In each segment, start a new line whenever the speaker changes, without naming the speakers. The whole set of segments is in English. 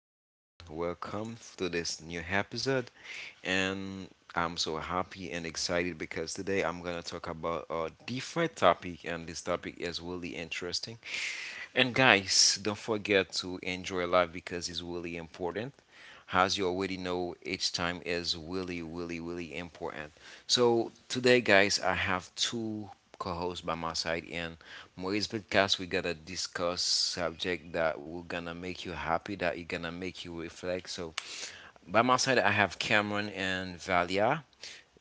and welcome to this new episode. And I'm so happy and excited because today I'm gonna talk about a different topic, and this topic is really interesting. And guys, don't forget to enjoy life because it's really important. As you already know, each time is really, really, really important. So today, guys, I have two co-hosts by my side, and Moise Podcast. We got to discuss subject that will gonna make you happy, that you're gonna make you reflect. So by my side, I have Cameron and Valia.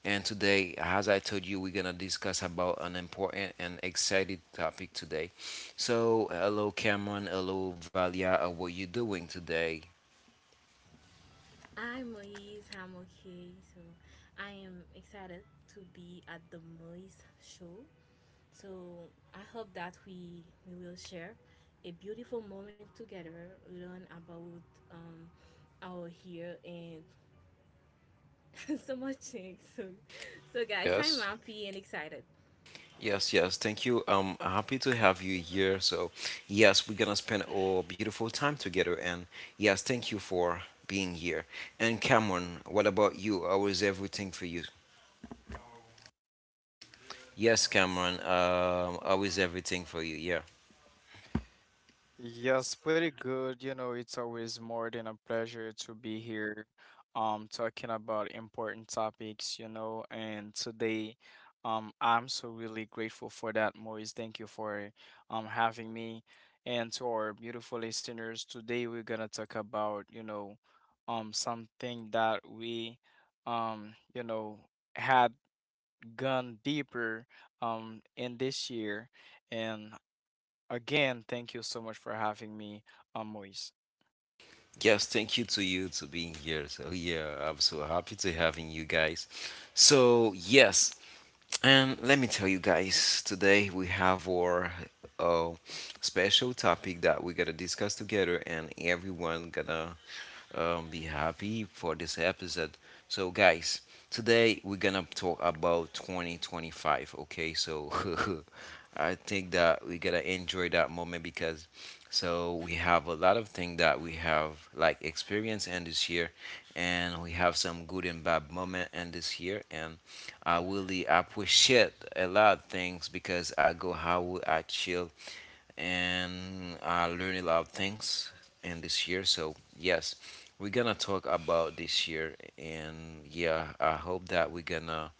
And today, as I told you, we're gonna discuss about an important and excited topic today. So, hello, Cameron. Hello, Valia. How are you doing today?
I'm Moise. I'm okay. So I am excited to be at the Moise show. So I hope that we will share a beautiful moment together, learn about um, our hair and so much things. So guys, I'm
Yes.
happy and excited.
Yes, yes. Thank you. Happy to have you here. So, yes, we're gonna spend a beautiful time together. And yes, thank you for being here. And Cameron, what about you? How is everything for you? Yes, Cameron. How is everything for you? Yeah.
Yes, pretty good. You know, it's always more than a pleasure to be here, talking about important topics, you know, and today, I'm so really grateful for that, Moise. Thank you for having me. And to our beautiful listeners, today we're gonna talk about, you know, something that we, you know, had gone deeper, in this year. And again, thank you so much for having me, Moise.
Yes, thank you to you to being here. So yeah, I'm so happy to having you guys. So yes. And let me tell you guys, today we have our uh, special topic that we got to discuss together, and everyone gonna be happy for this episode. So, guys, today we're gonna talk about 2025. Okay, so I think that we gotta enjoy that moment because so we have a lot of things that we have like experience in this year, and we have some good and bad moment in this year, and I really appreciate a lot of things because I go how I chill and I learned a lot of things in this year. So yes, we're gonna talk about this year, and yeah, I hope that we're gonna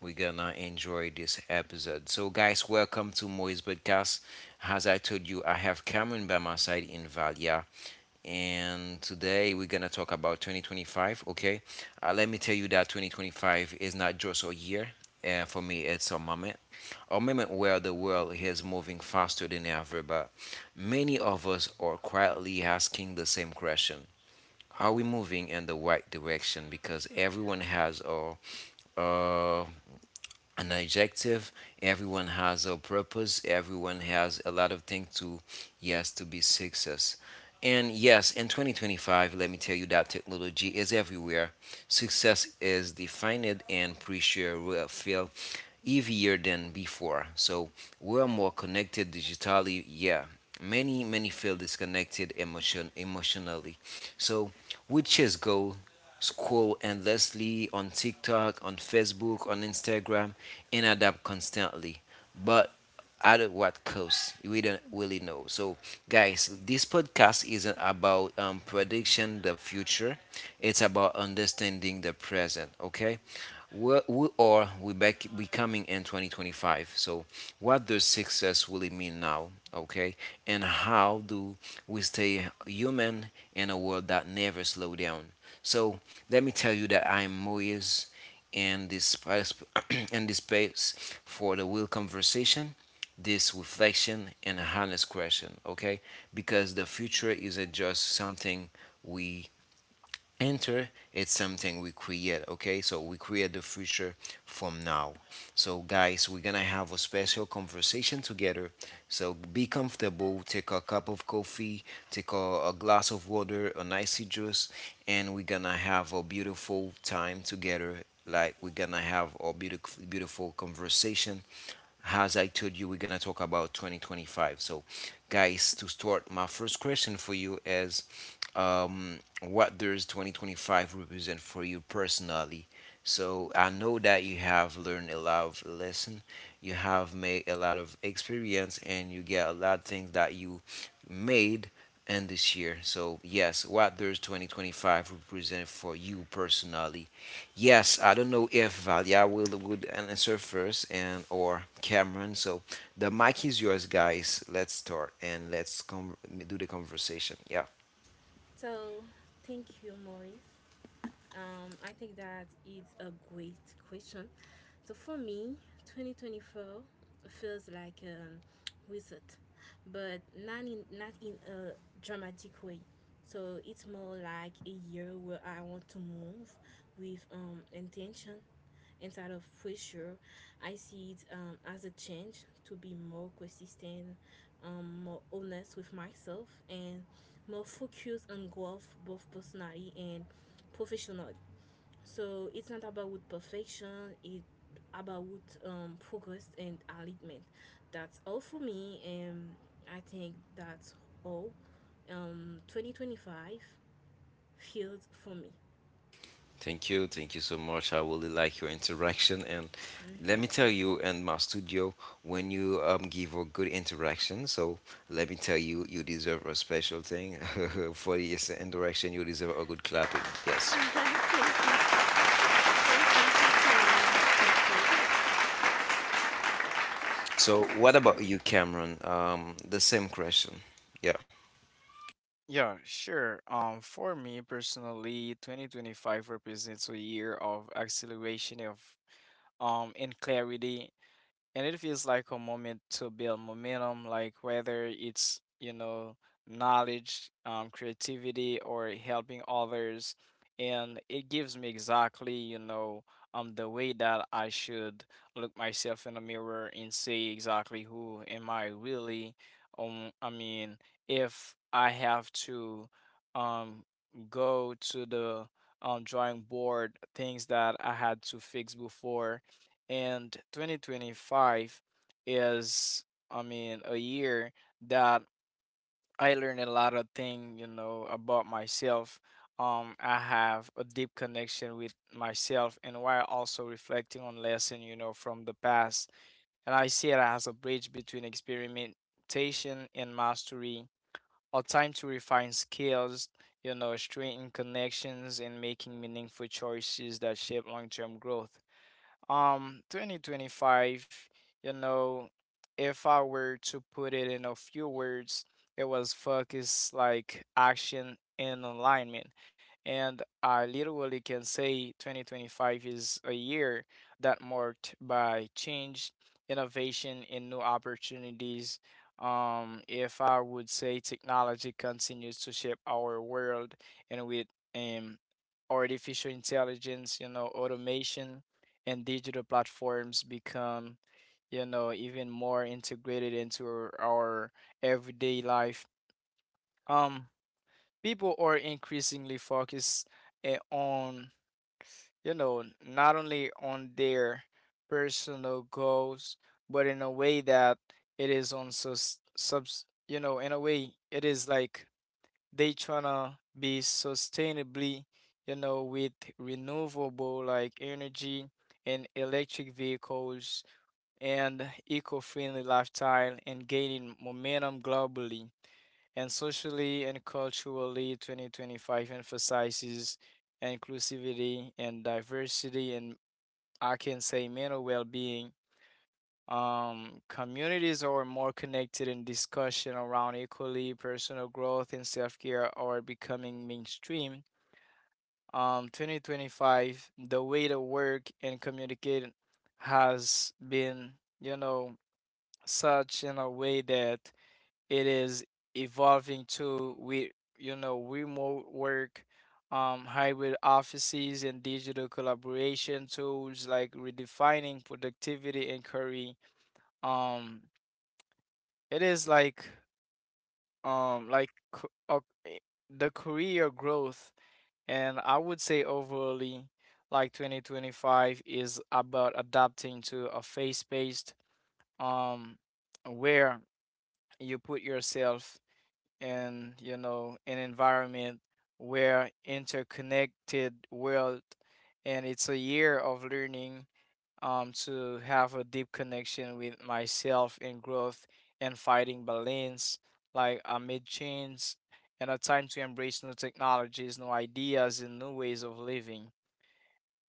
we're gonna enjoy this episode. So guys, welcome to Moise Podcast. As I told you, I have Cameron by my side in Valia and today we're gonna talk about 2025. Okay, let me tell you that 2025 is not just a year. And for me, it's a moment where the world is moving faster than ever. But many of us are quietly asking the same question: are we moving in the right direction? Because everyone has a uh, an adjective. Everyone has a purpose. Everyone has a lot of things to, yes, to be success. And yes, in 2025, let me tell you that technology is everywhere. Success is defined and pressure will feel heavier than before. So we're more connected digitally. Yeah, many feel disconnected emotionally So we just go scroll endlessly on TikTok, on Facebook, on Instagram, and adapt constantly. But at what cost? We don't really know. So, guys, this podcast isn't about prediction the future. It's about understanding the present. Okay. Well, we are we back we coming in 2025. So, what does success really mean now? Okay, and how do we stay human in a world that never slow down? So, let me tell you that I'm Moyes in this space, in this space for the real conversation, this reflection, and honest question. Okay, because the future isn't just something we enter, it's something we create. Okay, so we create the future from now. So guys, we're gonna have a special conversation together. So be comfortable, take a cup of coffee, take a glass of water an icy juice, and we're gonna have a beautiful time together. Like we're gonna have a beautiful conversation. As I told you, we're gonna talk about 2025. So, guys, to start, my first question for you is, what does 2025 represent for you personally? So I know that you have learned a lot of lesson, you have made a lot of experience, and you get a lot of things that you made in this year. So yes, what does 2025 represent for you personally? Yes, I don't know if Valia will would answer first and or Cameron. So the mic is yours, guys. Let's start and let's com do the conversation. Yeah.
So thank you, Maurice. I think that it's a great question. So for me, 2024 feels like a reset, but not in a dramatic way. So it's more like a year where I want to move with intention instead of pressure. I see it as a change to be more consistent, more honest with myself, and more focused on growth, both personally and professionally. So it's not about perfection, it's about progress and alignment. That's all for me, and I think that's all. 2025 feels for me.
Thank you so much. I really like your interaction, and let me tell you, in my studio, when you give a good interaction, so let me tell you, you deserve a special thing for this interaction. You deserve a good clapping. Yes.
thank you. Thank you. Thank you, always. Thank you.
So, what about you, Cameron? The same question. Yeah.
Yeah, sure. For me personally, 2025 represents a year of acceleration of in clarity, and it feels like a moment to build momentum, like whether it's, you know, knowledge, creativity, or helping others. And it gives me exactly, you know, the way that I should look myself in the mirror and see exactly who am I really. I mean, if I have to um go to the drawing board, things that I had to fix before. And 2025 is, I mean, a year that I learned a lot of thing, you know, about myself. I have a deep connection with myself, and while also reflecting on lesson, you know, from the past. And I see it as a bridge between experimentation and mastery, a time to refine skills, you know, strengthen connections, and making meaningful choices that shape long-term growth. 2025, you know, if I were to put it in a few words, it was focus, like action and alignment. And I literally can say 2025 is a year that marked by change, innovation, and new opportunities. If I would say technology continues to shape our world, and with um, artificial intelligence, you know, automation and digital platforms become, you know, even more integrated into our everyday life, um, people are increasingly focused on, you know, not only on their personal goals, but in a way that it is on sus subs, you know, in a way it is like they tryna be sustainably, you know, with renewable like energy and electric vehicles and eco-friendly lifestyle and gaining momentum globally. And socially and culturally, 2025 emphasizes inclusivity and diversity, and I can say mental well-being. Communities are more connected and discussion around equally personal growth and self-care are becoming mainstream. 2025, the way to work and communicate has been, you know, such in a way that it is evolving to we, you know, remote work, hybrid offices, and digital collaboration tools like redefining productivity and career. um it is like um like c- uh, eh, the career growth. And I would say overly, like 2025 is about adapting to a face-based um where you put yourself in, you know, an environment where interconnected world. And it's a year of learning to have a deep connection with myself in growth and fighting balance, like amid change, and a time to embrace new technologies, new ideas, and new ways of living.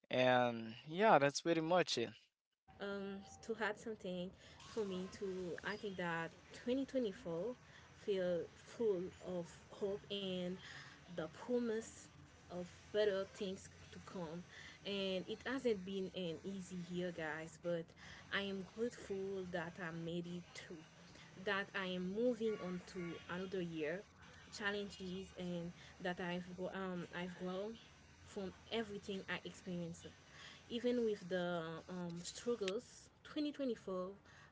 And yeah, that's pretty much it.
To add something for me to I think that 2024 feel full of hope and the promise of better things to come, and it hasn't been an easy year, guys, but I am grateful that I made it through, that I am moving on to another year, challenges, and that I've grown from everything I experienced. Even with the struggles, 2024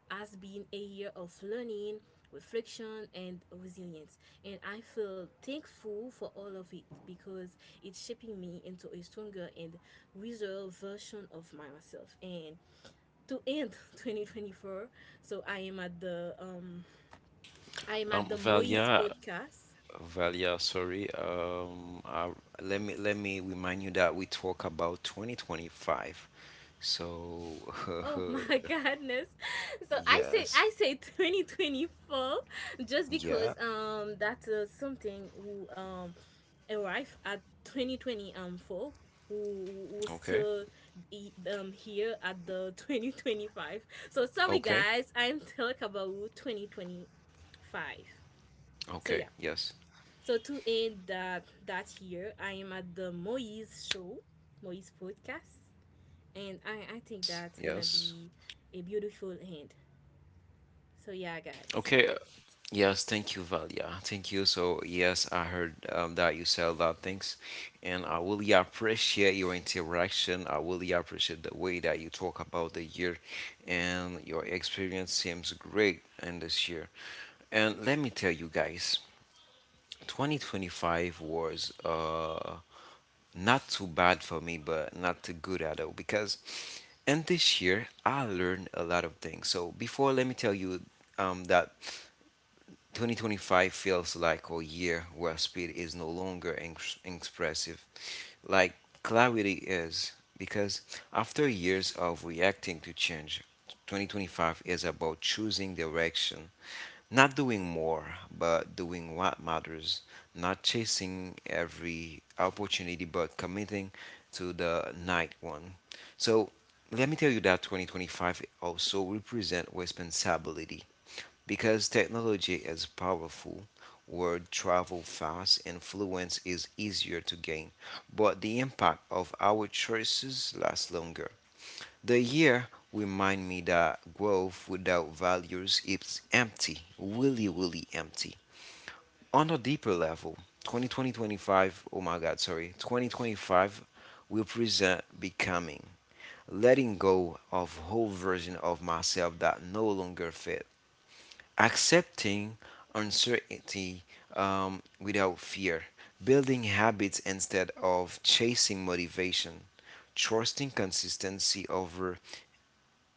has been a year of learning, reflection, and resilience. And I feel thankful for all of it because it's shaping me into a stronger and wiser version of myself. And to end 2024, so I am at the I am at the Moise
Valia,
podcast.
Sorry. Let me remind you that we talk about 2025. So,
Oh my goodness.
yes,
I say 2024 just
yeah,
because that's something who arrived at 2020 four, who
okay,
still here at the 2025. So sorry
okay,
guys, I'm talking about 2025. So
okay,
yeah.
yes,
So to end that year, I am at the Moise show, Moise podcast, and I think that's gonna
yes.
be a beautiful end. So yeah, guys,
Okay. Yes, thank you, Valia. Thank you. So, yes, I heard that you said a lot of things, and I really appreciate your interaction. I really appreciate the way that you talk about the year, and your experience seems great in this year. And let me tell you guys, 2025 was not too bad for me, but not too good at all because in this year I learned a lot of things. So, before, let me tell you that. 2025 feels like a year where speed is no longer expressive, like clarity is. Because after years of reacting to change, 2025 is about choosing direction, not doing more, but doing what matters, not chasing every opportunity, but committing to the night one. So let me tell you that 2025 also represent responsibility because technology is powerful, word travel fast, influence is easier to gain, but the impact of our choices lasts longer. The year remind me that growth without values is empty, really, really empty. On a deeper level, 2020 oh my god, sorry, 2025 will present becoming, letting go of whole version of myself that no longer fit, accepting uncertainty without fear, building habits instead of chasing motivation, trusting consistency over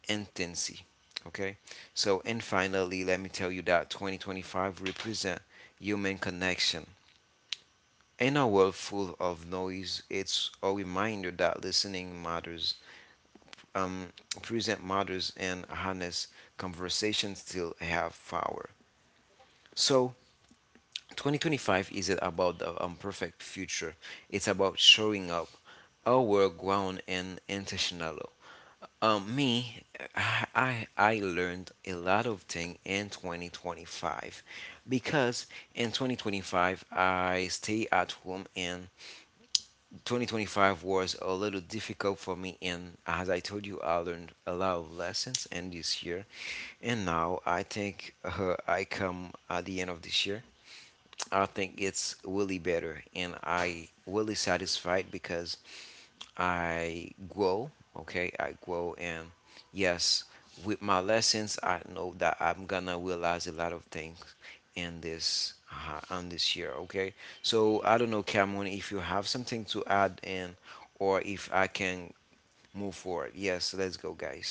intensity. Okay, so and finally, let me tell you that 2025 represent human connection. In a world full of noise, it's a reminder that listening matters, um, present matters, and honest conversations still have power. So 2025 isn't about the imperfect future. It's about showing up, our ground and intentional. Um, me, I, I I learned a lot of things in 2025 because in 2025 I stay at home and 2025 was a little difficult for me, and as I told you I learned a lot of lessons in this year. And now I think I come at the end of this year. I think it's really better, and I really satisfied because I grow. Okay, I grow, and yes, with my lessons, I know that I'm gonna realize a lot of things in this on this year. Okay, so I don't know, Cameron, if you have something to add in, or if I can move forward. Yes, let's go, guys.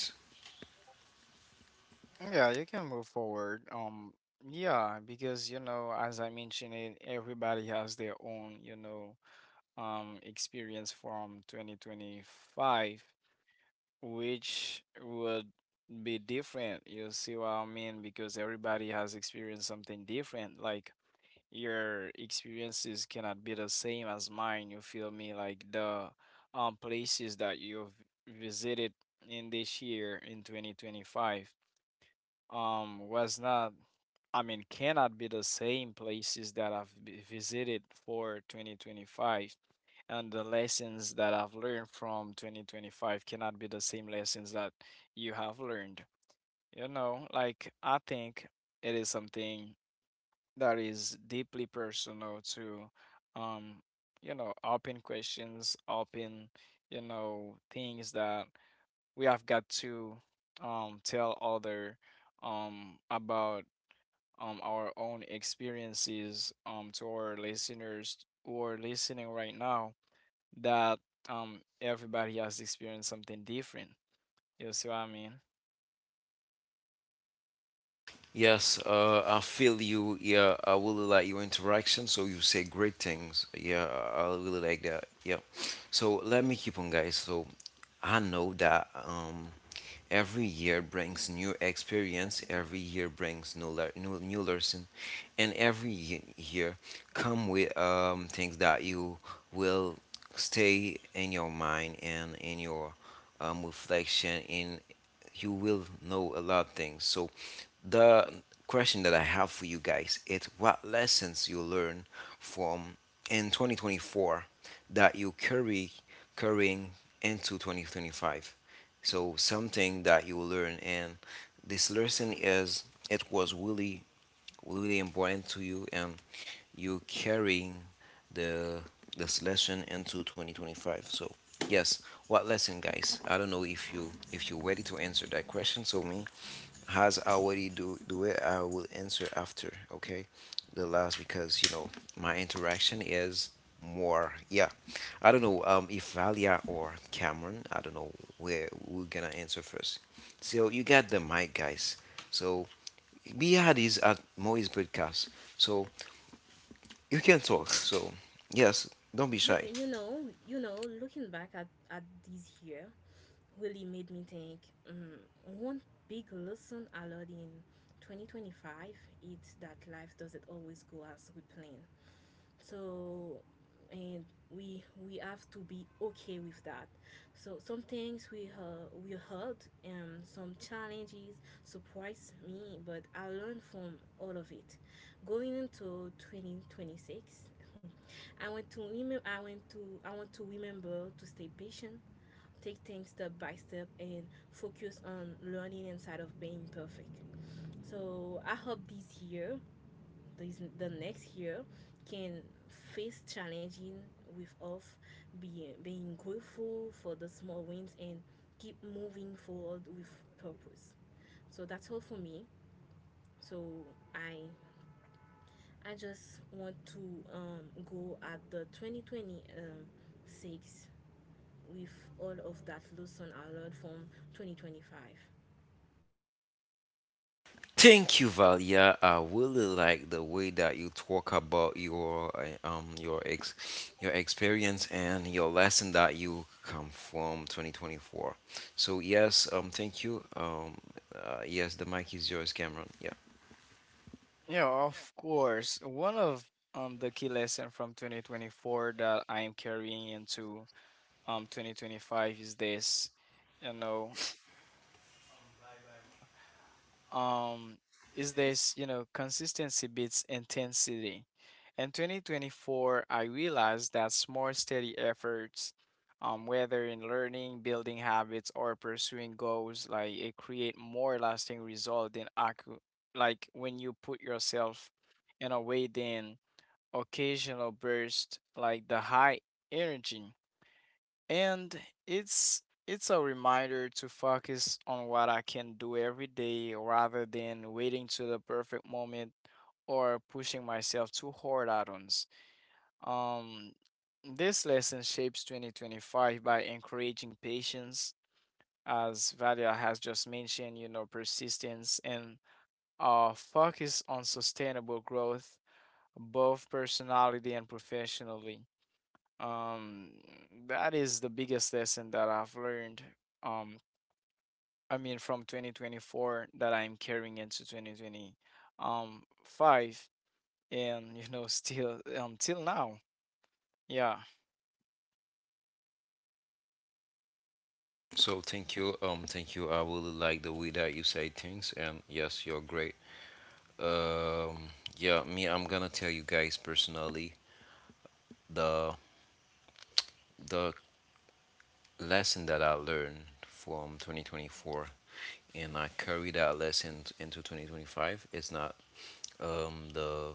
Yeah, you can move forward. Yeah, because you know, as I mentioned it, everybody has their own, you know, experience from 2025, which would be different. You see what I mean? Because everybody has experienced something different, like your experiences cannot be the same as mine you feel me like the places that you've visited in this year in 2025 was not, I mean, cannot be the same places that visited for 2025. And the lessons that I've learned from 2025 cannot be the same lessons that you have learned. You know, like I think it is something that is deeply personal to, um, you know, open questions, open, you know, things that we have got to tell other about our own experiences to our listeners who are listening right now, that everybody has experienced something different. You see what I mean?
Yes, I feel you. Yeah, I really like your interaction. So you say great things. Yeah, I really like that. Yeah. So let me keep on, guys. So I know that. Every year brings new experience, every year brings new lesson, and every year come with things that you will stay in your mind and in your reflection in you will know a lot of things. So the question that I have for you guys is what lessons you learn from in 2024 that you carrying into 2025. So something that you will learn, and this lesson is it was really really important to you, and you carrying the this lesson into 2025. So yes, what lesson, guys? I don't know if you if you're ready to answer that question. So me has already do it. I will answer after, okay? The last because you know my interaction is more. Yeah, I don't know if Valia or Cameron. I don't know where we're gonna answer first. So you got the mic, guys. So Bihad is at Moise Podcast. So you can talk. So yes, don't be
you
shy.
you know you know looking back at this year really made me think. One big lesson I learned in 2025, it's that life doesn't always go as we plan. so and we have to be okay with that. So some things we heard, and some challenges surprised me, but I learned from all of it. Going into 2026, I want to remember to stay patient, take things step by step, and focus on learning inside of being perfect. So I hope this, the next year can face challenging with us being grateful for the small wins and keep moving forward with purpose. So that's all for me. So i I just want to go at the 2026, six, with all of that lesson I learned from 2025.
Thank you, Valia. I really like the way that you talk about your ex your experience and your lesson that you come from 2024. So yes, thank you. Yes, the mic is yours, Cameron. Yeah.
Yeah, of course. One of the key lesson from 2024 that I am carrying into 2025 is this. You know, um is this you know consistency beats intensity. In 2024, I realized that small steady efforts, whether in learning, building habits, or pursuing goals, like it create more lasting result than like when you put yourself in a way than occasional burst, like the high energy. And it's a reminder to focus on what I can do every day rather than waiting to the perfect moment or pushing myself too hard at once. Um, this lesson shapes 2025 by encouraging patience, as Valia has just mentioned, you know, persistence and a focus on sustainable growth, both personality and professionally. Um, that is the biggest lesson that I've learned. Um, I mean, from 2024 that I'm carrying into 2020, five, and you know, still till now, yeah.
So thank you. Thank you. I really like the way that you say things, and yes, you're great. Um, yeah, me, I'm gonna tell you guys personally the the lesson that I learned from 2024 and I carry that lesson into 2025. It's not the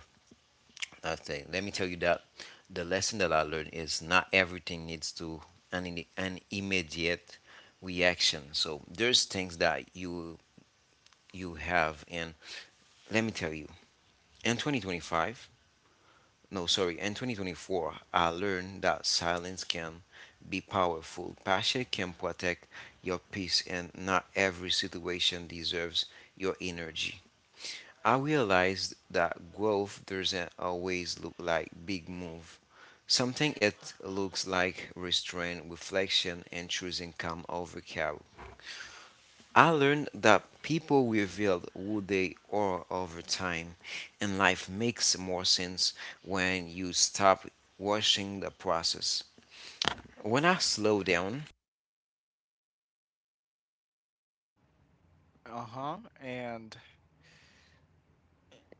that thing. Let me tell you that the lesson that I learned is not everything needs to an immediate reaction. So there's things that you have and let me tell you in 2025 no, sorry, in 2024, I learned that silence can be powerful. Passion can protect your peace, and not every situation deserves your energy. I realized that growth doesn't always look like big move. Something it looks like restraint, reflection, and choosing calm over chaos. I learned that people reveal who they are over time, and life makes more sense when you stop watching the process. When I slow down,
Uh-huh, and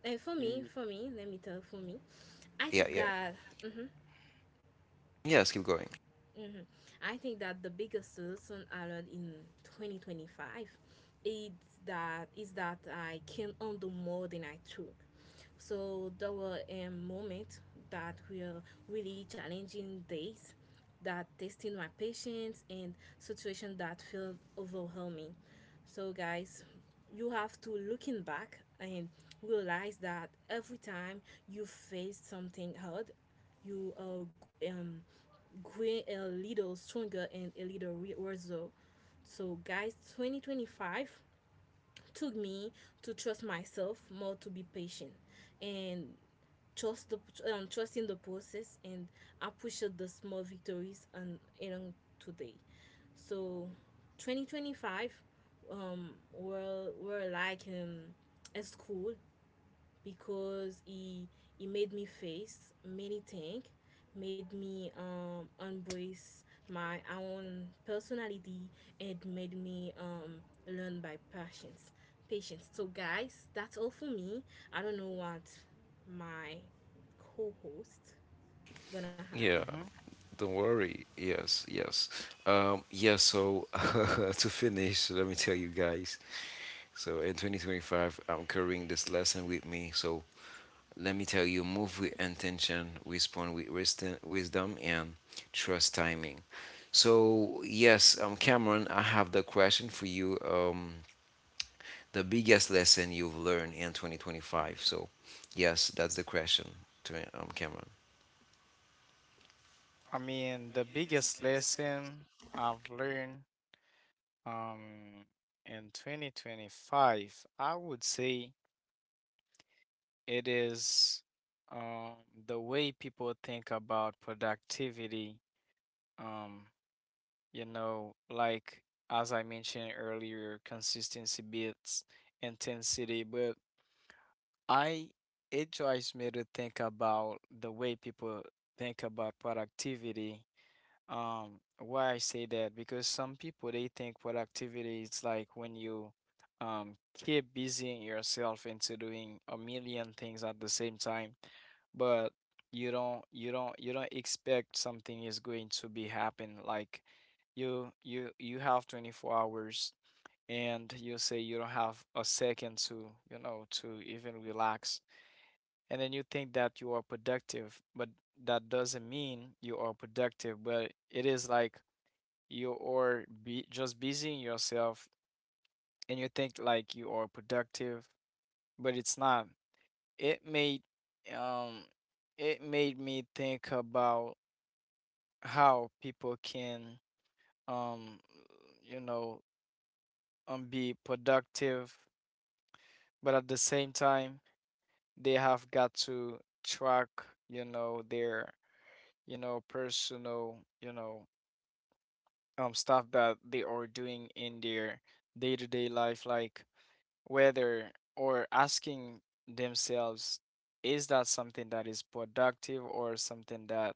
And for me
y-
For me, let me tell for me, I
yeah,
think
yeah,
that mhm.
yes, keep going.
Hmm, I think that the biggest lesson I learned in 2025 is is that I can undo more than I took. So there were a moment that were really challenging days, that testing my patience, and situation that felt overwhelming. So guys, you have to looking back and realize that every time you face something hard, you um, growing a little stronger and a little So, guys, 2025 took me to trust myself more, to be patient, and trust the trusting the process, and appreciate the small victories and along today. So, 2025 were like a school because he made me face many things, made me embrace my own personality, and made me learn by patience. Patience. So guys, that's all for me. I don't know what my co-host gonna add.
Yeah,
mhm.
don't worry. Yes, yes. Yeah, so to finish, let me tell you guys. So in 2025, I'm carrying this lesson with me. So let me tell you, move with intention, respond with wisdom, and trust timing. So, yes, Cameron, I have the question for you. The biggest lesson you've learned in 2025. So, yes, that's the question to Cameron.
I mean, the biggest lesson I've learned, um, in 2025, I would say it is, um, the way people think about productivity. Um, you know, like as I mentioned earlier, consistency beats intensity, but I it drives me to think about the way people think about productivity. Why I say that? Because some people they think productivity is like when you keep busying yourself into doing a million things at the same time, but you don't expect something is going to be happen, like you have 24 hours and you say you don't have a second to, you know, to even relax, and then you think that you are productive, but that doesn't mean you are productive, but it is like you are be just busying yourself and you think like you are productive, but it's not. It made um it made me think about how people can um you know, be productive, but at the same time they have got to track, you know, their, you know, personal, you know, stuff that they are doing in their day-to-day life, like whether or asking themselves, is that something that is productive or something that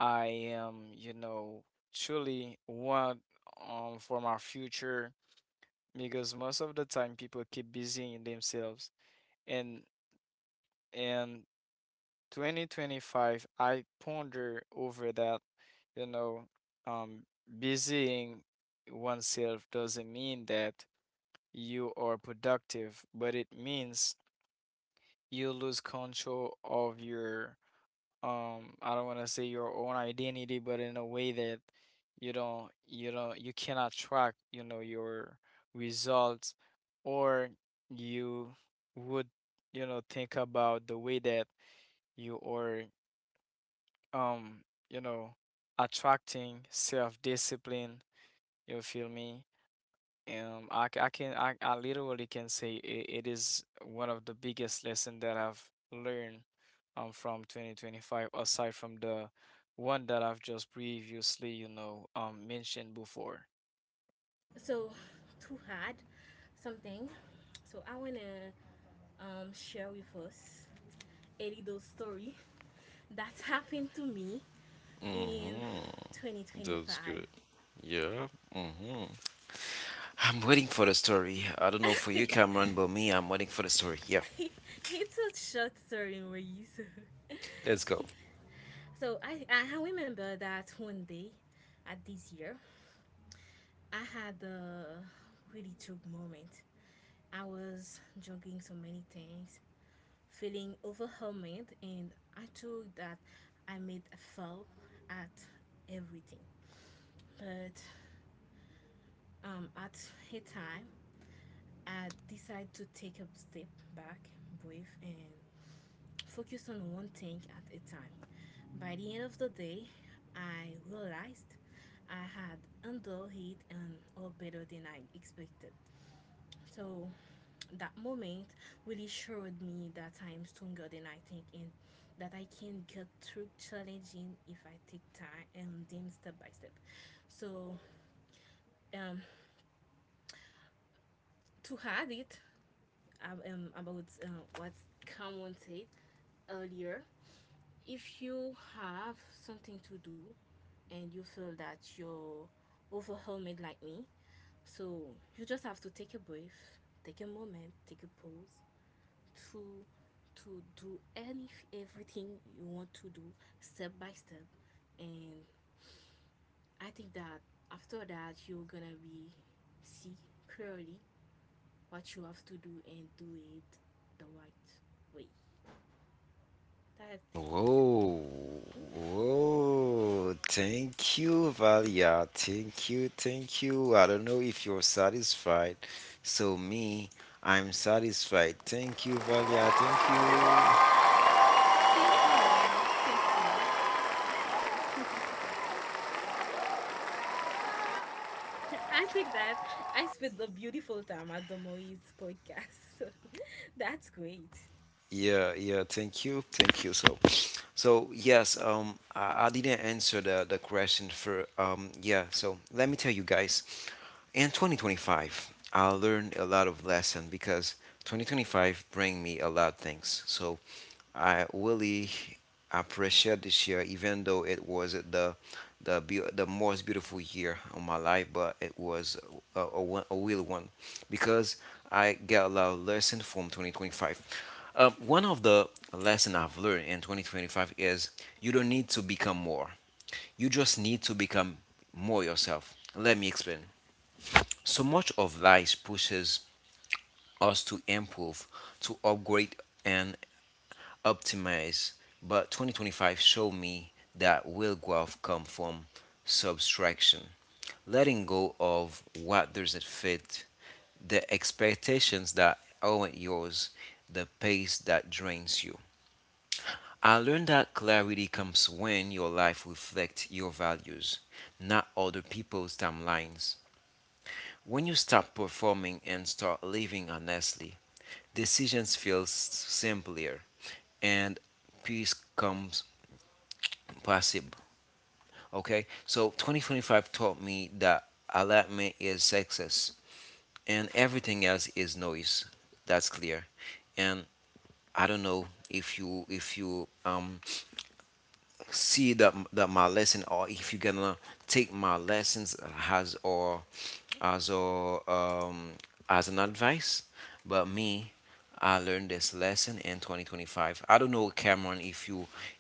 I am, you know, truly want for my future? Because most of the time people keep busying themselves. And in 2025, I ponder over that, you know, um, busying oneself doesn't mean that you are productive, but it means you lose control of your I don't want to say your own identity, but in a way that you cannot track, you know, your results, or you would, you know, think about the way that you are um, you know, attracting self-discipline, you feel me? I, c- I can I literally can say it, it is one of the biggest lesson that I've learned from 2025 aside from the one that I've just previously, you know, mentioned before.
So to add something, so I wanna share with us Elido's story that happened to me in
Mm-hmm. That's
2025.
good. Yeah. Mm-hmm. I'm waiting for the story. I don't know for you, Cameron, but me, I'm waiting for the story. Yeah,
It's a short story, Moise.
let's go.
So I remember that one day at this year, I had a really chug moment. I was juggling so many things, feeling overwhelmed, and I thought that I made a fall at everything. But at a time, I decide to take a step back, breathe, and focus on one thing at a time. By the end of the day, I realized I had handled it and all better than I expected. So that moment really showed me that I am stronger than I think, and that I can get through challenging if I take time and them step by step. So um, to add it about what Cameron said earlier, if you have something to do and you feel that you're overwhelmed like me, so you just have to take a breath, take a moment, take a pause to do any everything you want to do step by step. And I think that after that, you're gonna be see clearly what you have to do, and do it the right way. That's it.
Whoa, whoa. Thank you, Valia. Thank you, thank you. I don't know if you're satisfied. So, me, I'm satisfied. Thank you, Valia. Thank you.
Thank you, Maurice. Thank you. I think that I spent a beautiful time at the Moise podcast. So that's great.
Yeah, yeah, thank you. Thank you. So, yes, I didn't answer the question. So let me tell you guys. In 2025, I learned a lot of lesson because 2025 bring me a lot of things. So, I really appreciate this year even though it was the most beautiful year of my life, but it was a real one because I get a lot of lesson from 2025. One of the lessons I've learned in 2025 is you don't need to become more. You just need to become more yourself. Let me explain. So much of life pushes us to improve, to upgrade and optimize. But 2025 showed me that real growth comes from subtraction, letting go of what doesn't fit, the expectations that aren't yours, the pace that drains you. I learned that clarity comes when your life reflects your values, not other people's timelines. When you stop performing and start living honestly, decisions feel simpler and peace comes possible. Okay, so 2025 taught me that alignment is success and everything else is noise. That's clear. And I don't know if you see that my lesson, or if you're gonna take my lessons as or as or um, as an advice. But me, I learned this lesson in 2025. I don't know, Cameron, if you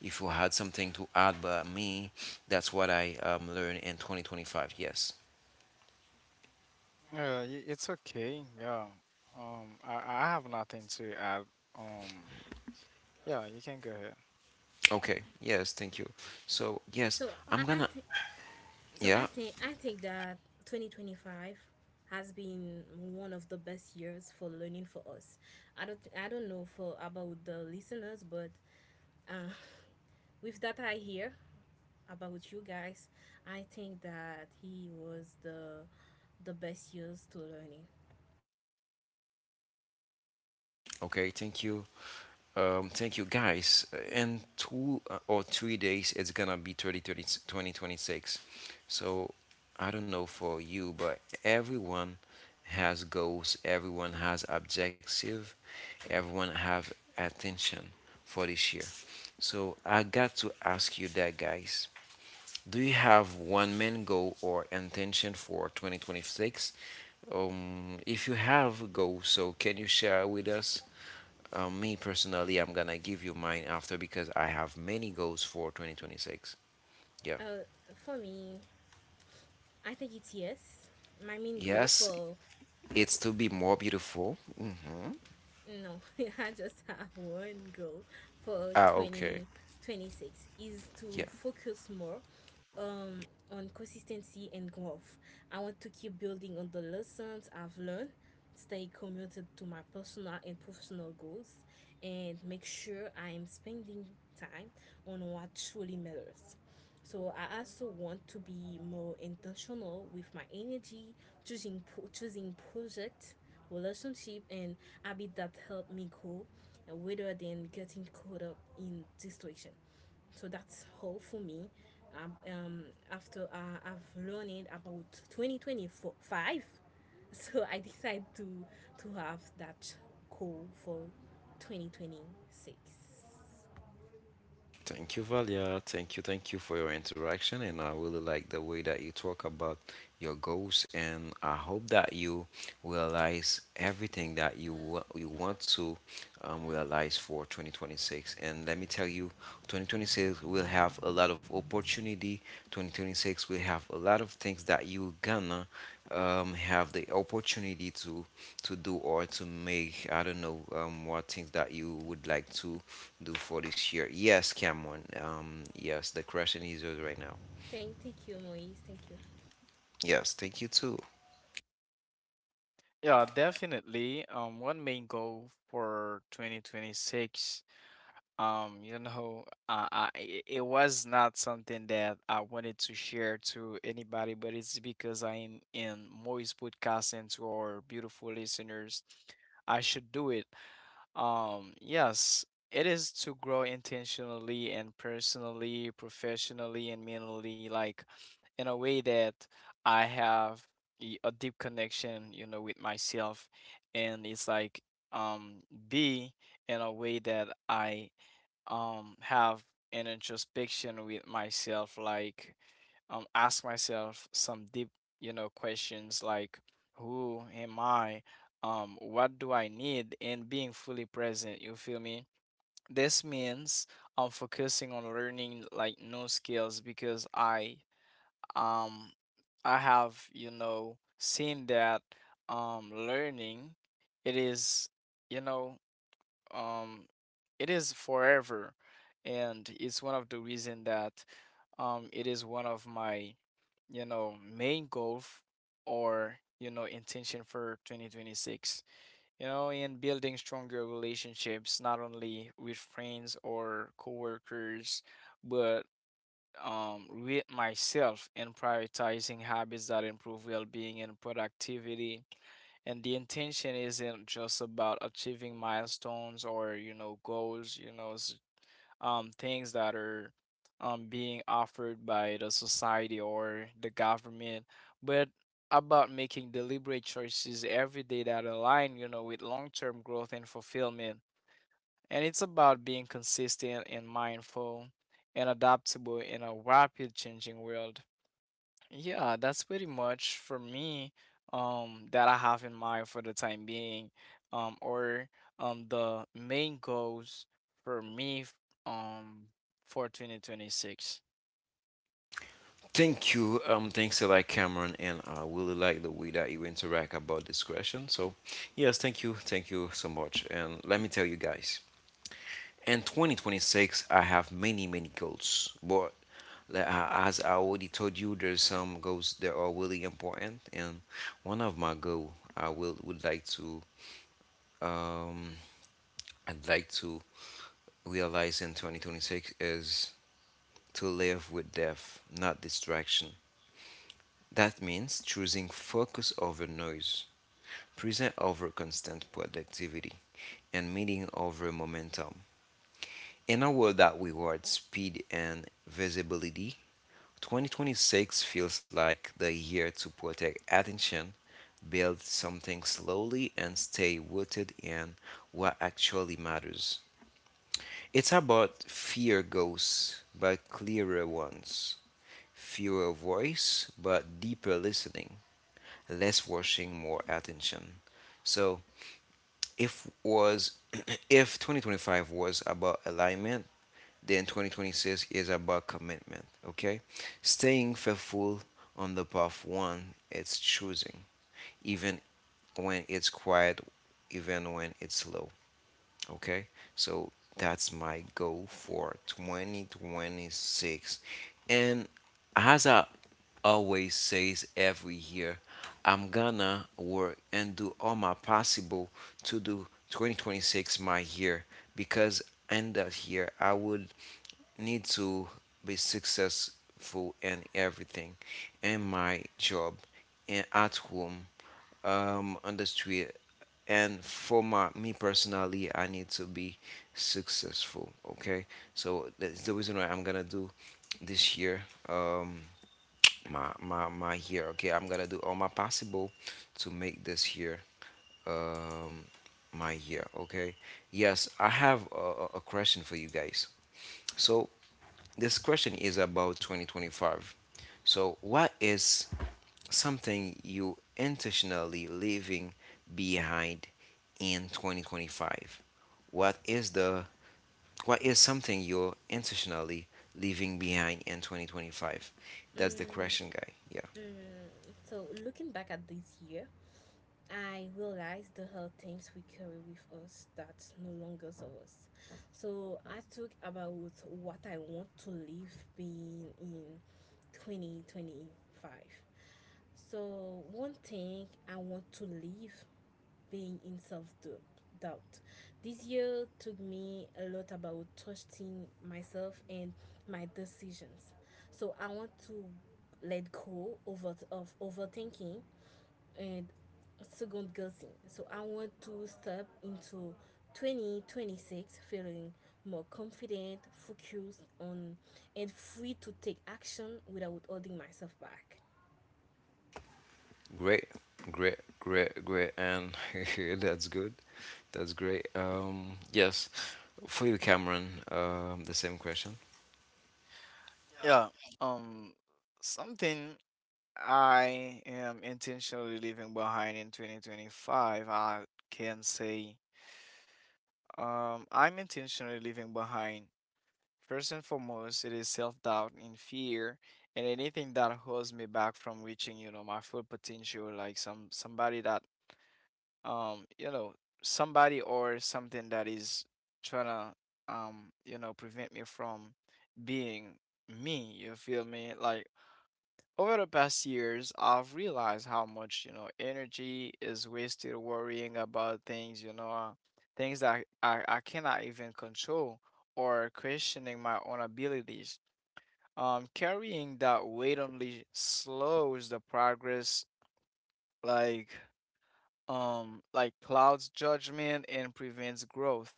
if you had something to add, but me, that's what I learned in 2025. Yes.
It's okay. Yeah. I have nothing to add. Um, yeah, you can go ahead.
Okay, yes, thank you. So yes,
So
I'm
I
gonna,
think so I
yeah.
think that 2025 has been one of the best years for learning for us. I don't know for about the listeners, but uh, with that I hear about you guys, I think that he was the best years to learning.
Okay, thank you. Thank you guys. In two or 3 days, it's gonna be 30, 30, 20, 26. So I don't know for you, but everyone has goals, everyone has objective, everyone have attention for this year. So I got to ask you that, guys. Do you have one main goal or intention for 2026? If you have goals, so can you share with us? Me personally, I'm gonna give you mine after because I have many goals for 2026. Yeah.
Uh, for me, I think it's yes. My main goal
Yes,
for,
it's to be more beautiful. Mhm.
no, I just have one goal for
Ah, okay.
2026 is to
Yeah.
focus more um, on consistency and growth. I want to keep building on the lessons I've learned, stay committed to my personal and professional goals, and make sure I'm spending time on what truly matters. So I also want to be more intentional with my energy, choosing choosing project, relationship, and habit that help me grow, rather than getting caught up in distraction. So that's all for me. Um, um, After I've learned about 2025, so I decide to have that goal for 2026.
Thank you, Valia. Thank you for your interaction, and I really like the way that you talk about your goals. And I hope that you realize everything that you you want to realize for 2026. And let me tell you, 2026 will have a lot of opportunity. 2026 will have a lot of things that you gonna have the opportunity to do or to make. I don't know what things that you would like to do for this year. Yes, Cameron. Yes, the question is yours right now.
Thank you, Moise. Thank you.
Yes, thank you too.
Yeah, definitely. One main goal for 2026. You know, it was not something that I wanted to share to anybody, but it's because I'm in Moise podcasting to our beautiful listeners. I should do it. Yes, it is to grow intentionally and personally, professionally, and mentally, like in a way that I have a deep connection, you know, with myself, and it's like um be in a way that I have an introspection with myself, like ask myself some deep, you know, questions like who am I, what do I need, and being fully present, you feel me? This means I'm focusing on learning, like new skills, because um I have, you know, seen that learning it is, you know, um it is forever, and it's one of the reason that it is one of my, you know, main goal or, you know, intention for 2026, you know, in building stronger relationships not only with friends or coworkers, but with myself, and prioritizing habits that improve well-being and productivity. And the intention isn't just about achieving milestones or, you know, goals, you know, things that are being offered by the society or the government, but about making deliberate choices every day that align, you know, with long-term growth and fulfillment. And it's about being consistent and mindful and adaptable in a rapid changing world. Yeah, that's pretty much for me, that I have in mind for the time being, or the main goals for um for 2026.
Thank you. Thanks a lot, Cameron, and I really like the way that you interact about this question. So, yes, thank you so much. And let me tell you guys, in 2026, I have many, many goals, but like, as I already told you, there's some goals that are really important, and one of my goal um I'd like to realized in 2026 is to live with depth, not distraction. That means choosing focus over noise, present over constant productivity, and meaning over momentum. In a world that rewards speed and visibility, 2026 feels like the year to protect attention, build something slowly, and stay rooted in what actually matters. It's about fewer ghosts, but clearer ones. Fewer voice but deeper listening. Less watching, more attention. So if was if 2025 was about alignment, then 2026 is about commitment. Okay, staying faithful on the path one it's choosing, even when it's quiet, even when it's slow. Okay, so that's my goal for 2026. And as I always says every year, I'm gonna work and do all my possible to do 2026 my year, because in that year I would need to be successful in everything, in my job and at home, on the street, and for my me personally, I need to be successful. Okay, so that's the reason why I'm gonna do this year, um my year. Okay, I'm gonna do all my possible to make this year, um my year. Okay. Yes, I have a question for you guys. So this question is about 2025. So what is something you intentionally leaving behind in 2025? what is the what is something you're intentionally leaving behind in 2025? That's the
Mm,
question, guy. Yeah.
So looking back at this year, I realized the health things we carry with us that no longer serve us. So I talk about what I want to live being in 2025. So one thing I want to live being in self doubt. This year took me a lot about trusting myself and my decisions. So I want to let go over of overthinking and second guessing. So I want to step into 2026 feeling more confident, focused on, and free to take action without holding myself back.
Great, great, great, great, and that's good. That's great. Yes, for you, Cameron, the same question.
Yeah, um something I am intentionally leaving behind in 2025, I can say I'm intentionally leaving behind, first and foremost, it is self-doubt and fear, and anything that holds me back from reaching, you know, my full potential, like somebody that, you know, somebody or something that is trying to, you know, prevent me from being me. You feel me? Like over the past years, I've realized how much, energy is wasted worrying about things, things that I cannot even control or questioning my own abilities. Carrying that weight only slows the progress, like like clouds judgment and prevents growth.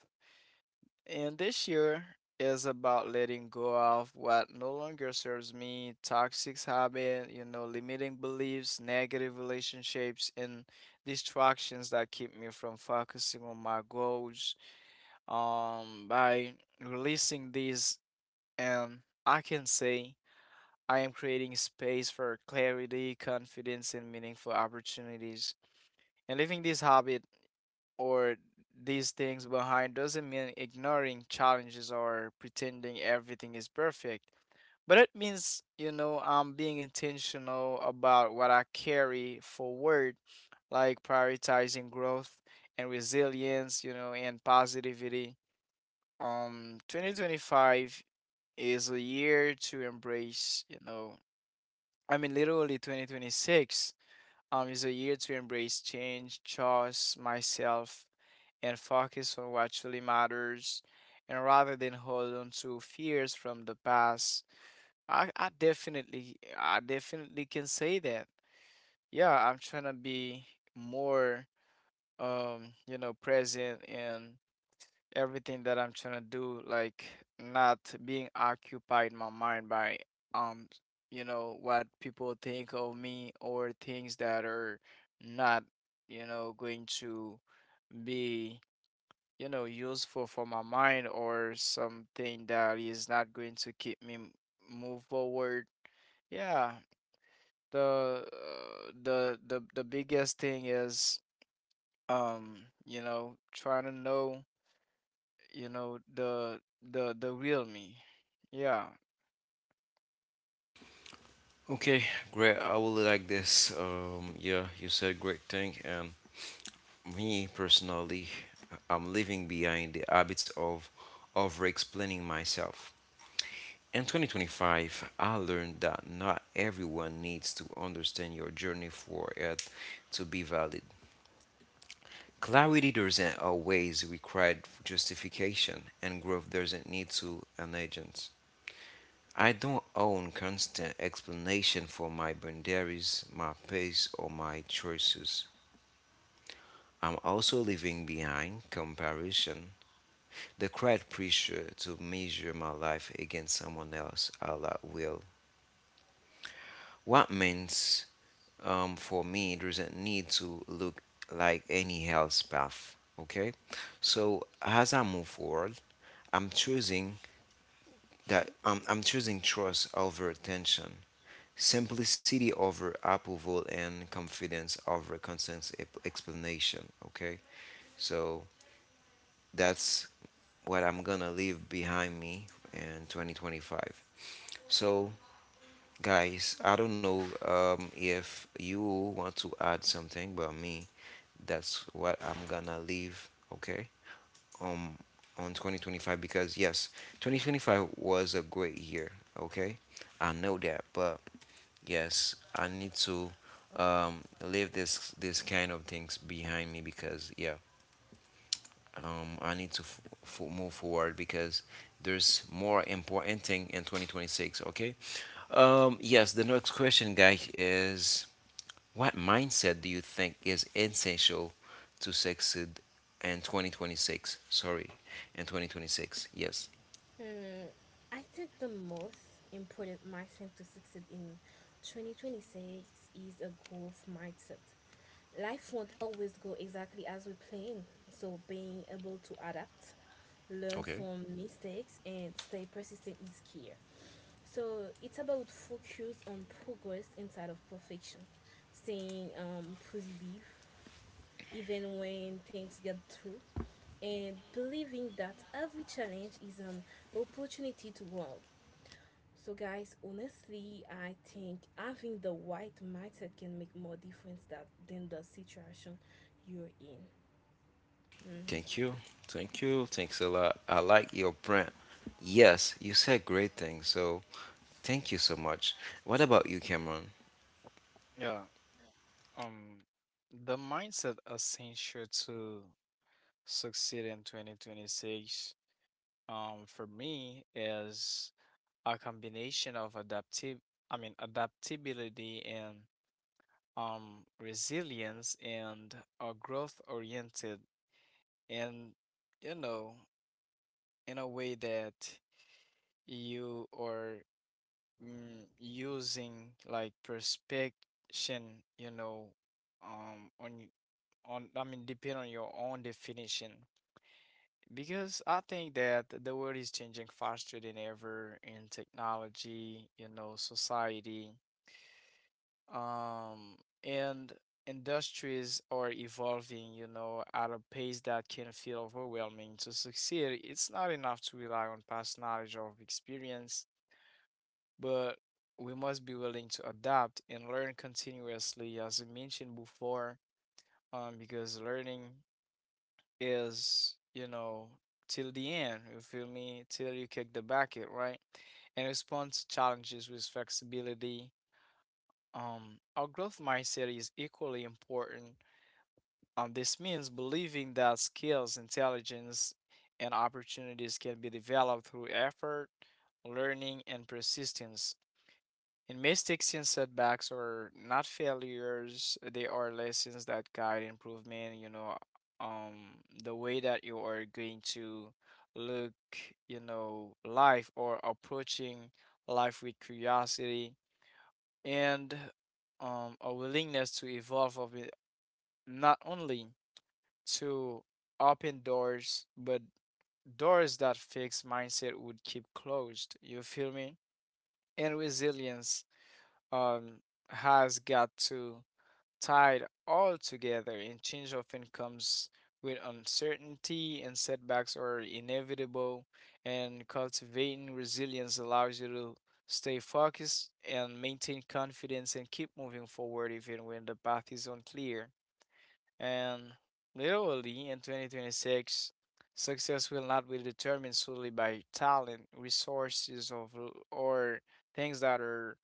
And this year is about letting go of what no longer serves me, toxic habit, limiting beliefs, negative relationships, and distractions that keep me from focusing on my goals. By releasing these, and I can say. I am creating space for clarity, confidence, and meaningful opportunities. And leaving this habit or these things behind doesn't mean ignoring challenges or pretending everything is perfect. But it means, I'm being intentional about what I carry forward, like prioritizing growth and resilience, and positivity. 2025 is a year to embrace, I mean, literally 2026 is a year to embrace change, trust myself, and focus on what truly matters. And rather than hold on to fears from the past, I definitely can say that. Yeah, I'm trying to be more, present and everything that I'm trying to do, like not being occupied my mind by um what people think of me or things that are not going to be useful for my mind or something that is not going to keep me move forward. Yeah, the biggest thing is um trying to know the real me. Yeah,
Okay, great. I will like this. Yeah, you said great thing, and me personally, I'm leaving behind the habits of over explaining myself. In 2025, I learned that not everyone needs to understand your journey for it to be valid. Clarity doesn't always require justification, and growth doesn't need to an agent. I don't own constant explanation for my boundaries, my pace, or my choices. I'm also leaving behind comparison, the crowd pressure to measure my life against someone else Allah will. What means for me doesn't need to look like any else path. Okay? So as I move forward, I'm choosing I'm choosing trust over attention, simplicity over approval, and confidence over constant explanation. Okay, so that's what I'm gonna leave behind me in 2025. So guys, I don't know if you want to add something, but me, that's what I'm gonna leave, okay? Um, on 2025, because yes, 2025 was a great year, okay? I know that, but yes, I need to leave this kind of things behind me, because yeah, I need to move forward because there's more important thing in 2026, okay? Yes, the next question, guys, is what mindset do you think is essential to succeed in 2026? Sorry, in 2026. Yes.
Hmm, I think the most important mindset to succeed in 2026 is a growth mindset. Life won't always go exactly as we plan, so being able to adapt, learn
Okay.
from mistakes, and stay persistent is key. So it's about focus on progress instead of perfection, staying positive, even when things get through, and believing that every challenge is an opportunity to grow. So, guys, honestly, I think having the right mindset can make more difference that, than the situation you're in. Mhm.
Thank you. Thank you. Thanks a lot. I like your brand. Yes, you said great things. So thank you so much. What about you, Cameron?
yeah. um the mindset essential to succeed in 2026 for me is a combination of adaptive I mean adaptability and resilience and a growth oriented, and you know in a way that you are using like perspection, on y- on I mean, depend on your own definition. Because I think that the world is changing faster than ever in technology, society, um, and industries are evolving, at a pace that can feel overwhelming. To succeed, it's not enough to rely on past knowledge or experience, but we must be willing to adapt and learn continuously, as I mentioned before, because learning is, till the end, you feel me, till you kick the bucket, right? And respond to challenges with flexibility. Our growth mindset is equally important. This means believing that skills, intelligence, and opportunities can be developed through effort, learning, and persistence. And mistakes and setbacks are not failures, they are lessons that guide improvement, the way that you are going to look, life or approaching life with curiosity and a willingness to evolve of it, not only to open doors, but doors that fixed mindset would keep closed. You feel me? And resilience um, has got to tied all together, and change often comes with uncertainty, and setbacks are inevitable, and cultivating resilience allows you to stay focused and maintain confidence and keep moving forward even when the path is unclear. And literally in 2026 success will not be determined solely by talent resources of, or things that are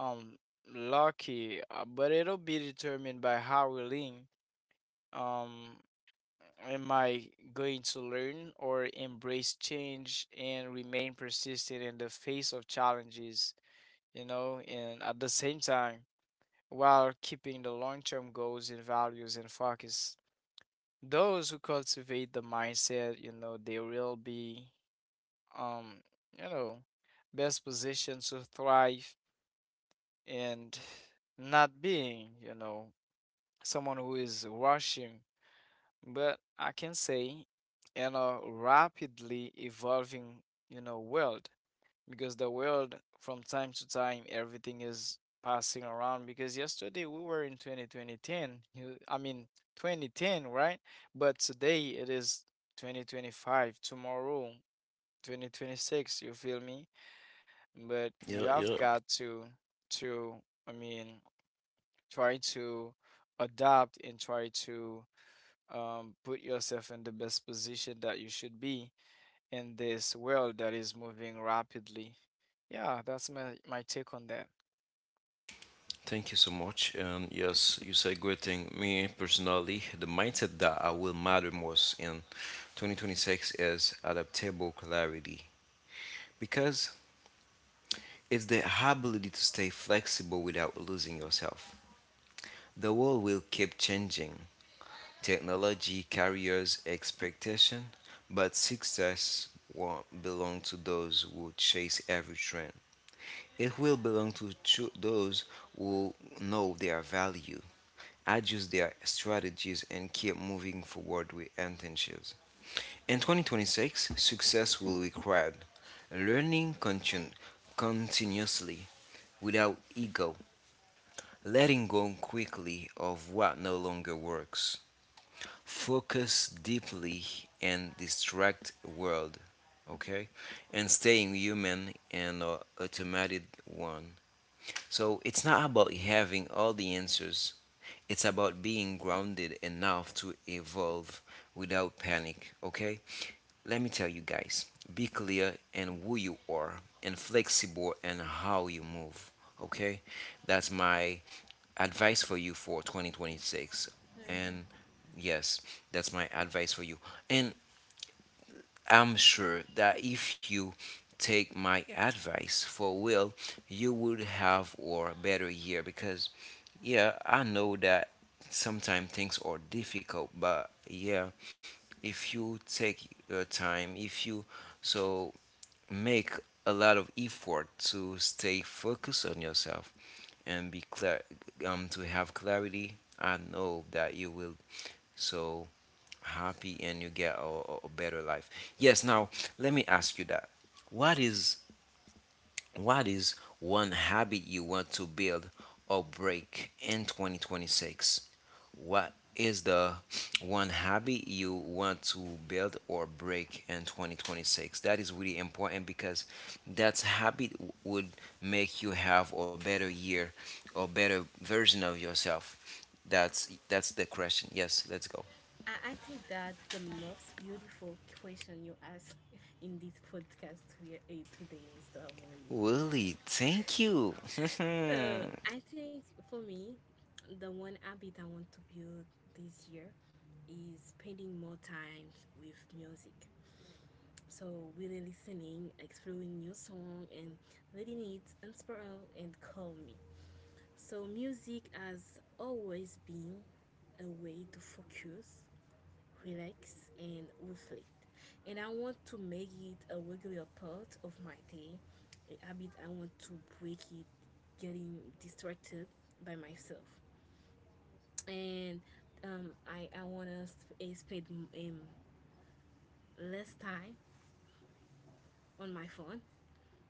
um lucky, but it'll be determined by how willing um am I going to learn or embrace change and remain persistent in the face of challenges, and at the same time while keeping the long-term goals and values in focus. Those who cultivate the mindset, they will be um, you know, best positioned to thrive and not being, someone who is rushing, but I can say in a rapidly evolving, world, because the world from time to time everything is passing around, because yesterday we were in twenty twenty ten, I mean 2010, right? But today it is 2025, tomorrow 2026, you feel me? But you
Yeah,
have
yeah.
got to to I mean try to adapt and try to put yourself in the best position that you should be in this world that is moving rapidly. Yeah, that's my take on that.
Thank you so much. And yes, you said great thing. Me personally, the mindset that I will matter most in 2026 is adaptable clarity. Because it's the ability to stay flexible without losing yourself. The world will keep changing. Technology, careers, expectation, but success won't belong to those who chase every trend. It will belong to those who know their value, adjust their strategies, and keep moving forward with intentions. In 2026, success will require learning continuously without ego, letting go quickly of what no longer works. Focus deeply and distract world, okay? And staying human and automated one. So it's not about having all the answers. It's about being grounded enough to evolve without panic, okay? Let me tell you guys, be clear in who you are and flexible in how you move, okay? That's my advice for you for 2026. And yes, that's my advice for you. And I'm sure that if you take my advice for will, you would have or better year, because yeah, I know that sometimes things are difficult, but yeah, if you take your time, if you so make a lot of effort to stay focused on yourself and be clear, to have clarity, I know that you will so happy and you get a better life. Yes, now let me ask you that, what is what is one habit you want to build or break in 2026? What is the one habit you want to build or break in 2026? That is really important because that habit would make you have a better year or better version of yourself. That's the question. Yes, let's go.
I think that the most beautiful question you asked in this podcast here today was the Moise.
Willie, thank you.
So I think for me, the one habit I want to build this year is spending more time with music. So really listening, exploring new song, and letting it inspire and calm me. So music has always been a way to focus, relax, and reflect. And I want to make it a regular part of my day, a habit I want to break it getting distracted by myself. And I want to spend um, less time on my phone.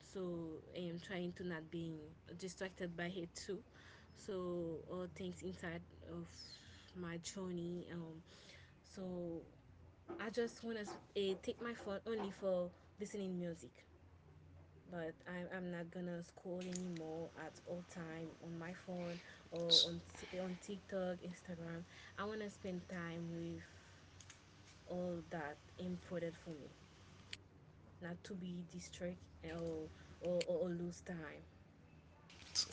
So I'm trying to not being distracted by it too. So all things inside of my journey. So I just want to take my phone only for listening music. But I'm not gonna scroll anymore at all time on my phone or on TikTok, Instagram. I wanna spend time with all that important for me, not to be distracted, or lose time.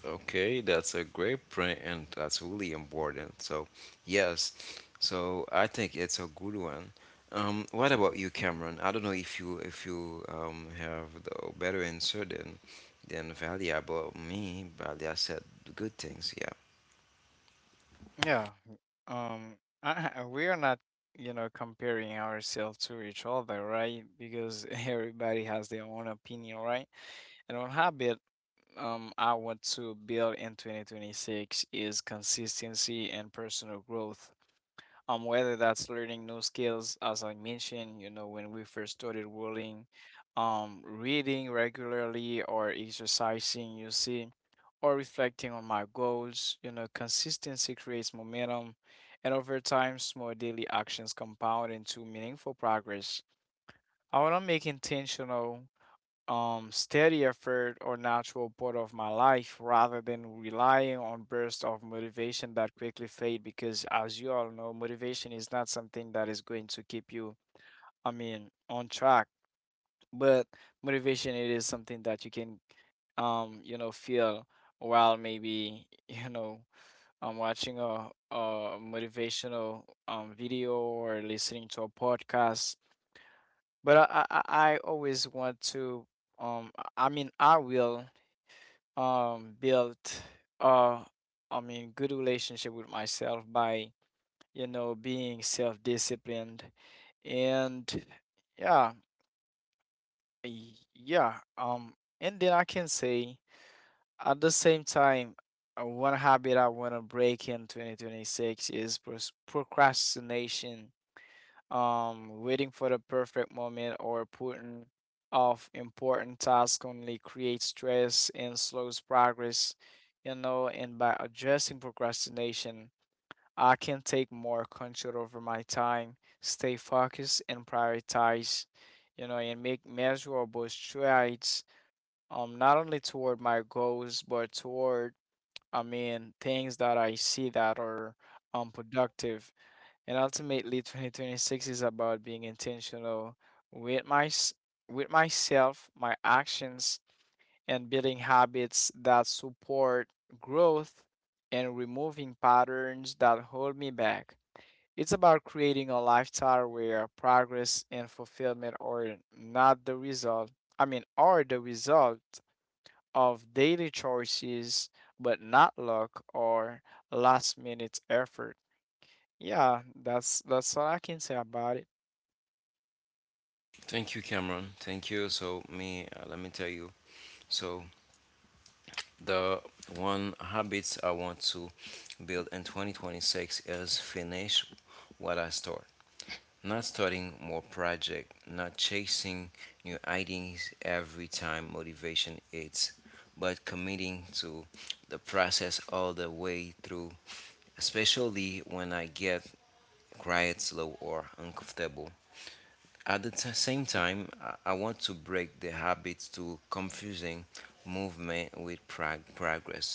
Okay, that's a great print and that's really important. So, yes, so I think it's a good one. What about you, Cameron? I don't know if you have the better answer than Valia about me. Valia said good things. Yeah.
Yeah. Um, I, I- we are not, comparing ourselves to each other, right? Because everybody has their own opinion, right? And one habit I want to build in 2026 is consistency and personal growth. Whether that's learning new skills, as I mentioned, when we first started rolling, reading regularly or exercising, you see, or reflecting on my goals, consistency creates momentum, and over time, small daily actions compound into meaningful progress. I want to make intentional steady effort or natural part of my life rather than relying on bursts of motivation that quickly fade, because as you all know motivation is not something that is going to keep you, I mean, on track. But motivation, it is something that you can feel while maybe watching a motivational video or listening to a podcast. But I always want to I mean I will built uh I mean good relationship with myself by being self-disciplined and yeah. Yeah. And then I can say at the same time, one habit I want to break in 2026 is procrastination. Waiting for the perfect moment or putting off important tasks only creates stress and slows progress, and by addressing procrastination, I can take more control over my time, stay focused and prioritize, and make measurable strides, not only toward my goals, but toward, I mean, things that I see that are productive. And ultimately, 2026 is about being intentional with with myself, my actions, and building habits that support growth and removing patterns that hold me back. It's about creating a lifestyle where progress and fulfillment are not the result, I mean, are the result of daily choices, but not luck or last minute effort. Yeah, that's all I can say about it.
Thank you, Cameron. Thank you. So me, let me tell you. So the one habits I want to build in 2026 is finish what I start. Not starting more project, not chasing new ideas every time motivation hits, but committing to the process all the way through, especially when I get quiet, slow, or uncomfortable. At the same time, I want to break the habit to confusing movement with progress.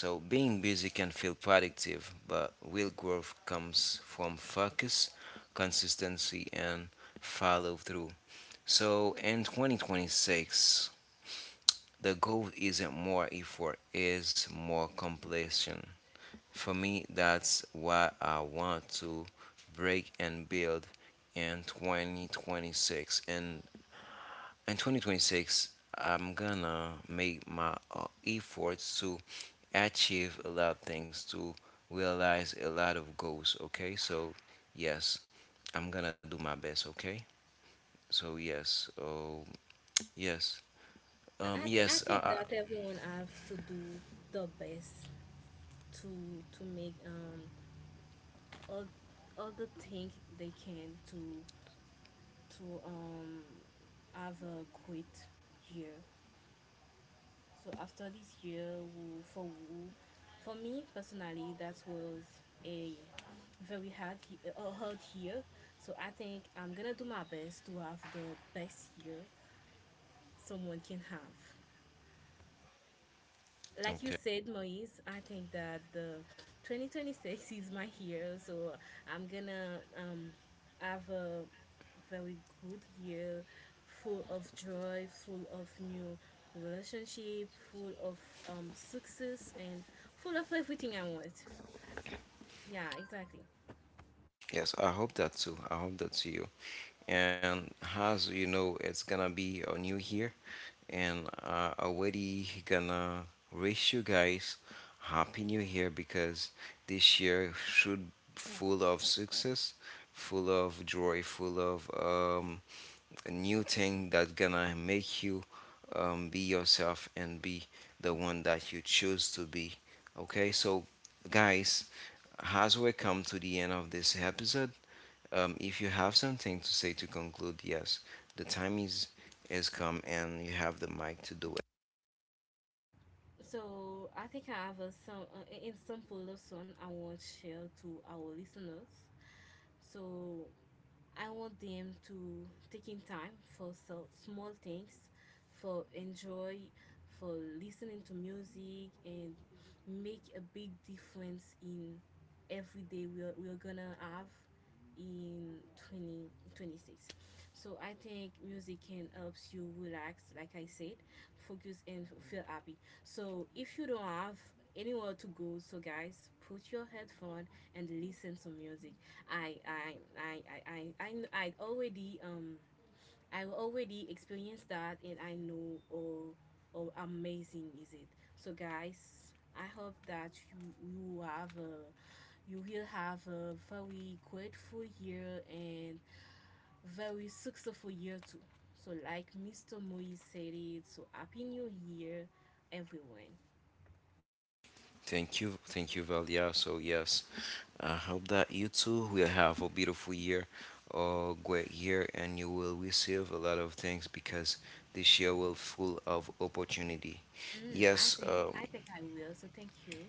So being busy can feel productive, but real growth comes from focus, consistency, and follow through. So in 2026, the goal isn't more effort, is more completion. For me, that's what I want to break and build in 2026, and in 2026 I'm gonna make my efforts to achieve a lot of things, to realize a lot of goals, okay? So yes, I'm gonna do my best, okay? So yes, oh yes, yes,
I think that everyone has to do the best to make all the things they can to to um have a great year. So after this year, for for me personally, that was a very hard, a hard year. So I think I'm gonna do my best to have the best year someone can have. Like you
okay,
said, Moise, I think that the 2026 is my year, so I'm gonna have a very good year, full of joy, full of new relationship, full of success, and full of everything I want. Yeah, exactly.
yes, I hope that too. I hope that to you. And as you know, it's gonna be a new year, and already gonna wish you guys happy new year, because this year should full of success, full of joy, full of a new thing that gonna make you be yourself and be the one that you choose to be. Okay, so guys, as we come to the end of this episode, if you have something to say to conclude, yes, the time is come and you have the mic to do it.
So I think I have some an example of song I want to share to our listeners. So I want them to taking time for so, small things, for enjoy, for listening to music and make a big difference in every day we're gonna have in 2026. So I think music can help you relax, like I said, focus, and feel happy. So if you don't have anywhere to go, so guys, put your headphone and listen to music. I I I I I I, already I already experienced that, and I know oh how amazing is it. So guys, I hope that you have a, you will have a very grateful year and very successful year too. So like Mr. Moise said it, so happy new year everyone.
Thank you, Valia. So yes, I hope that you too will have a beautiful year, a great year, and you will receive a lot of things because this year will full of opportunity.
Mm,
Yes,
I think I will. So thank you.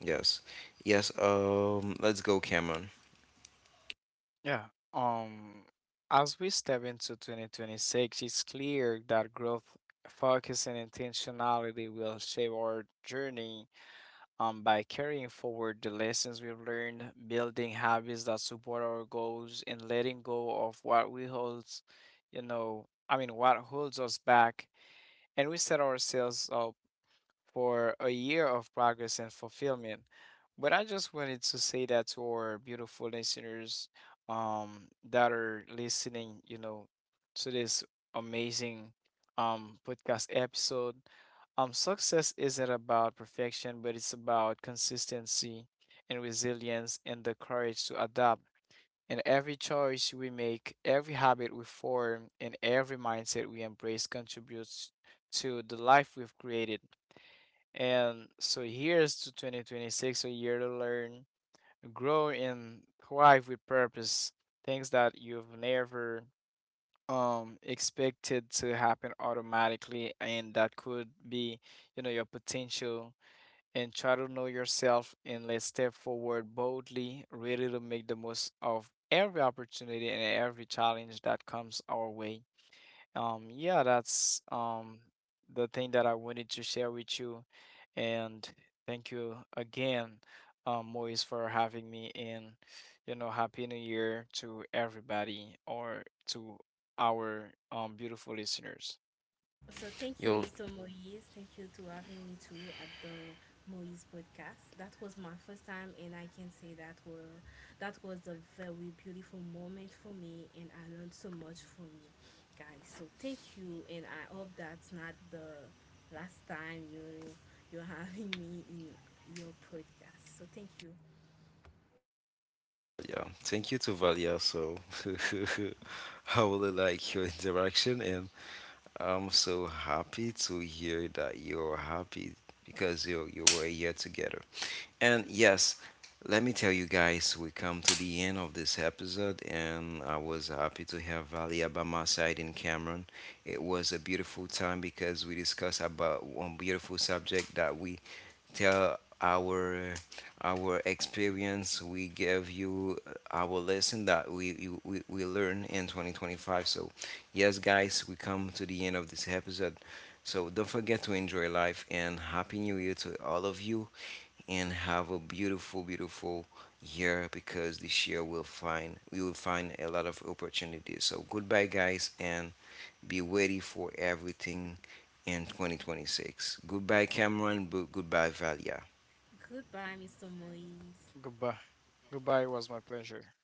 yes, yes. Let's go, Cameron.
Yeah. Um, as we step into 2026, it's clear that growth, focus, and intentionality will shape our journey, by carrying forward the lessons we've learned, building habits that support our goals, and letting go of what we hold, I mean, what holds us back. And we set ourselves up for a year of progress and fulfillment. But I just wanted to say that to our beautiful listeners that are listening, to this amazing podcast episode. Success isn't about perfection, but it's about consistency and resilience and the courage to adapt. And every choice we make, every habit we form, and every mindset we embrace contributes to the life we've created. And so here's to 2026, a year to learn, grow, and thrive with purpose. Things that you've never expected to happen automatically, and that could be, your potential. And try to know yourself, and let's step forward boldly, ready to make the most of every opportunity and every challenge that comes our way. Yeah, that's the thing that I wanted to share with you, and thank you again, Moise, for having me. And you know, happy New Year to everybody or to our beautiful listeners.
So thank you,
Yo,
Mr. Moise. Thank you to having me too at the Moise podcast. That was my first time, and I can say that was a very beautiful moment for me, and I learned so much from you, guys. So thank you, and I hope that's not the last time you're having me in your podcast. So thank you.
yeah. Thank you to Valia. So I really like your interaction. And I'm so happy to hear that you're happy because you were here together. And yes, let me tell you guys, we come to the end of this episode, and I was happy to have Valia by my side in Cameron. It was a beautiful time because we discussed about one beautiful subject that we tell our experience. We give you our lesson that we learn in 2025. So, yes, guys, we come to the end of this episode. So don't forget to enjoy life and happy new year to all of you, and have a beautiful, beautiful year because this year we will find a lot of opportunities. So goodbye, guys, and be ready for everything in 2026. Goodbye, Cameron. Goodbye, Valia.
Goodbye, Mr. Moise.
Goodbye. Goodbye. It was my pleasure.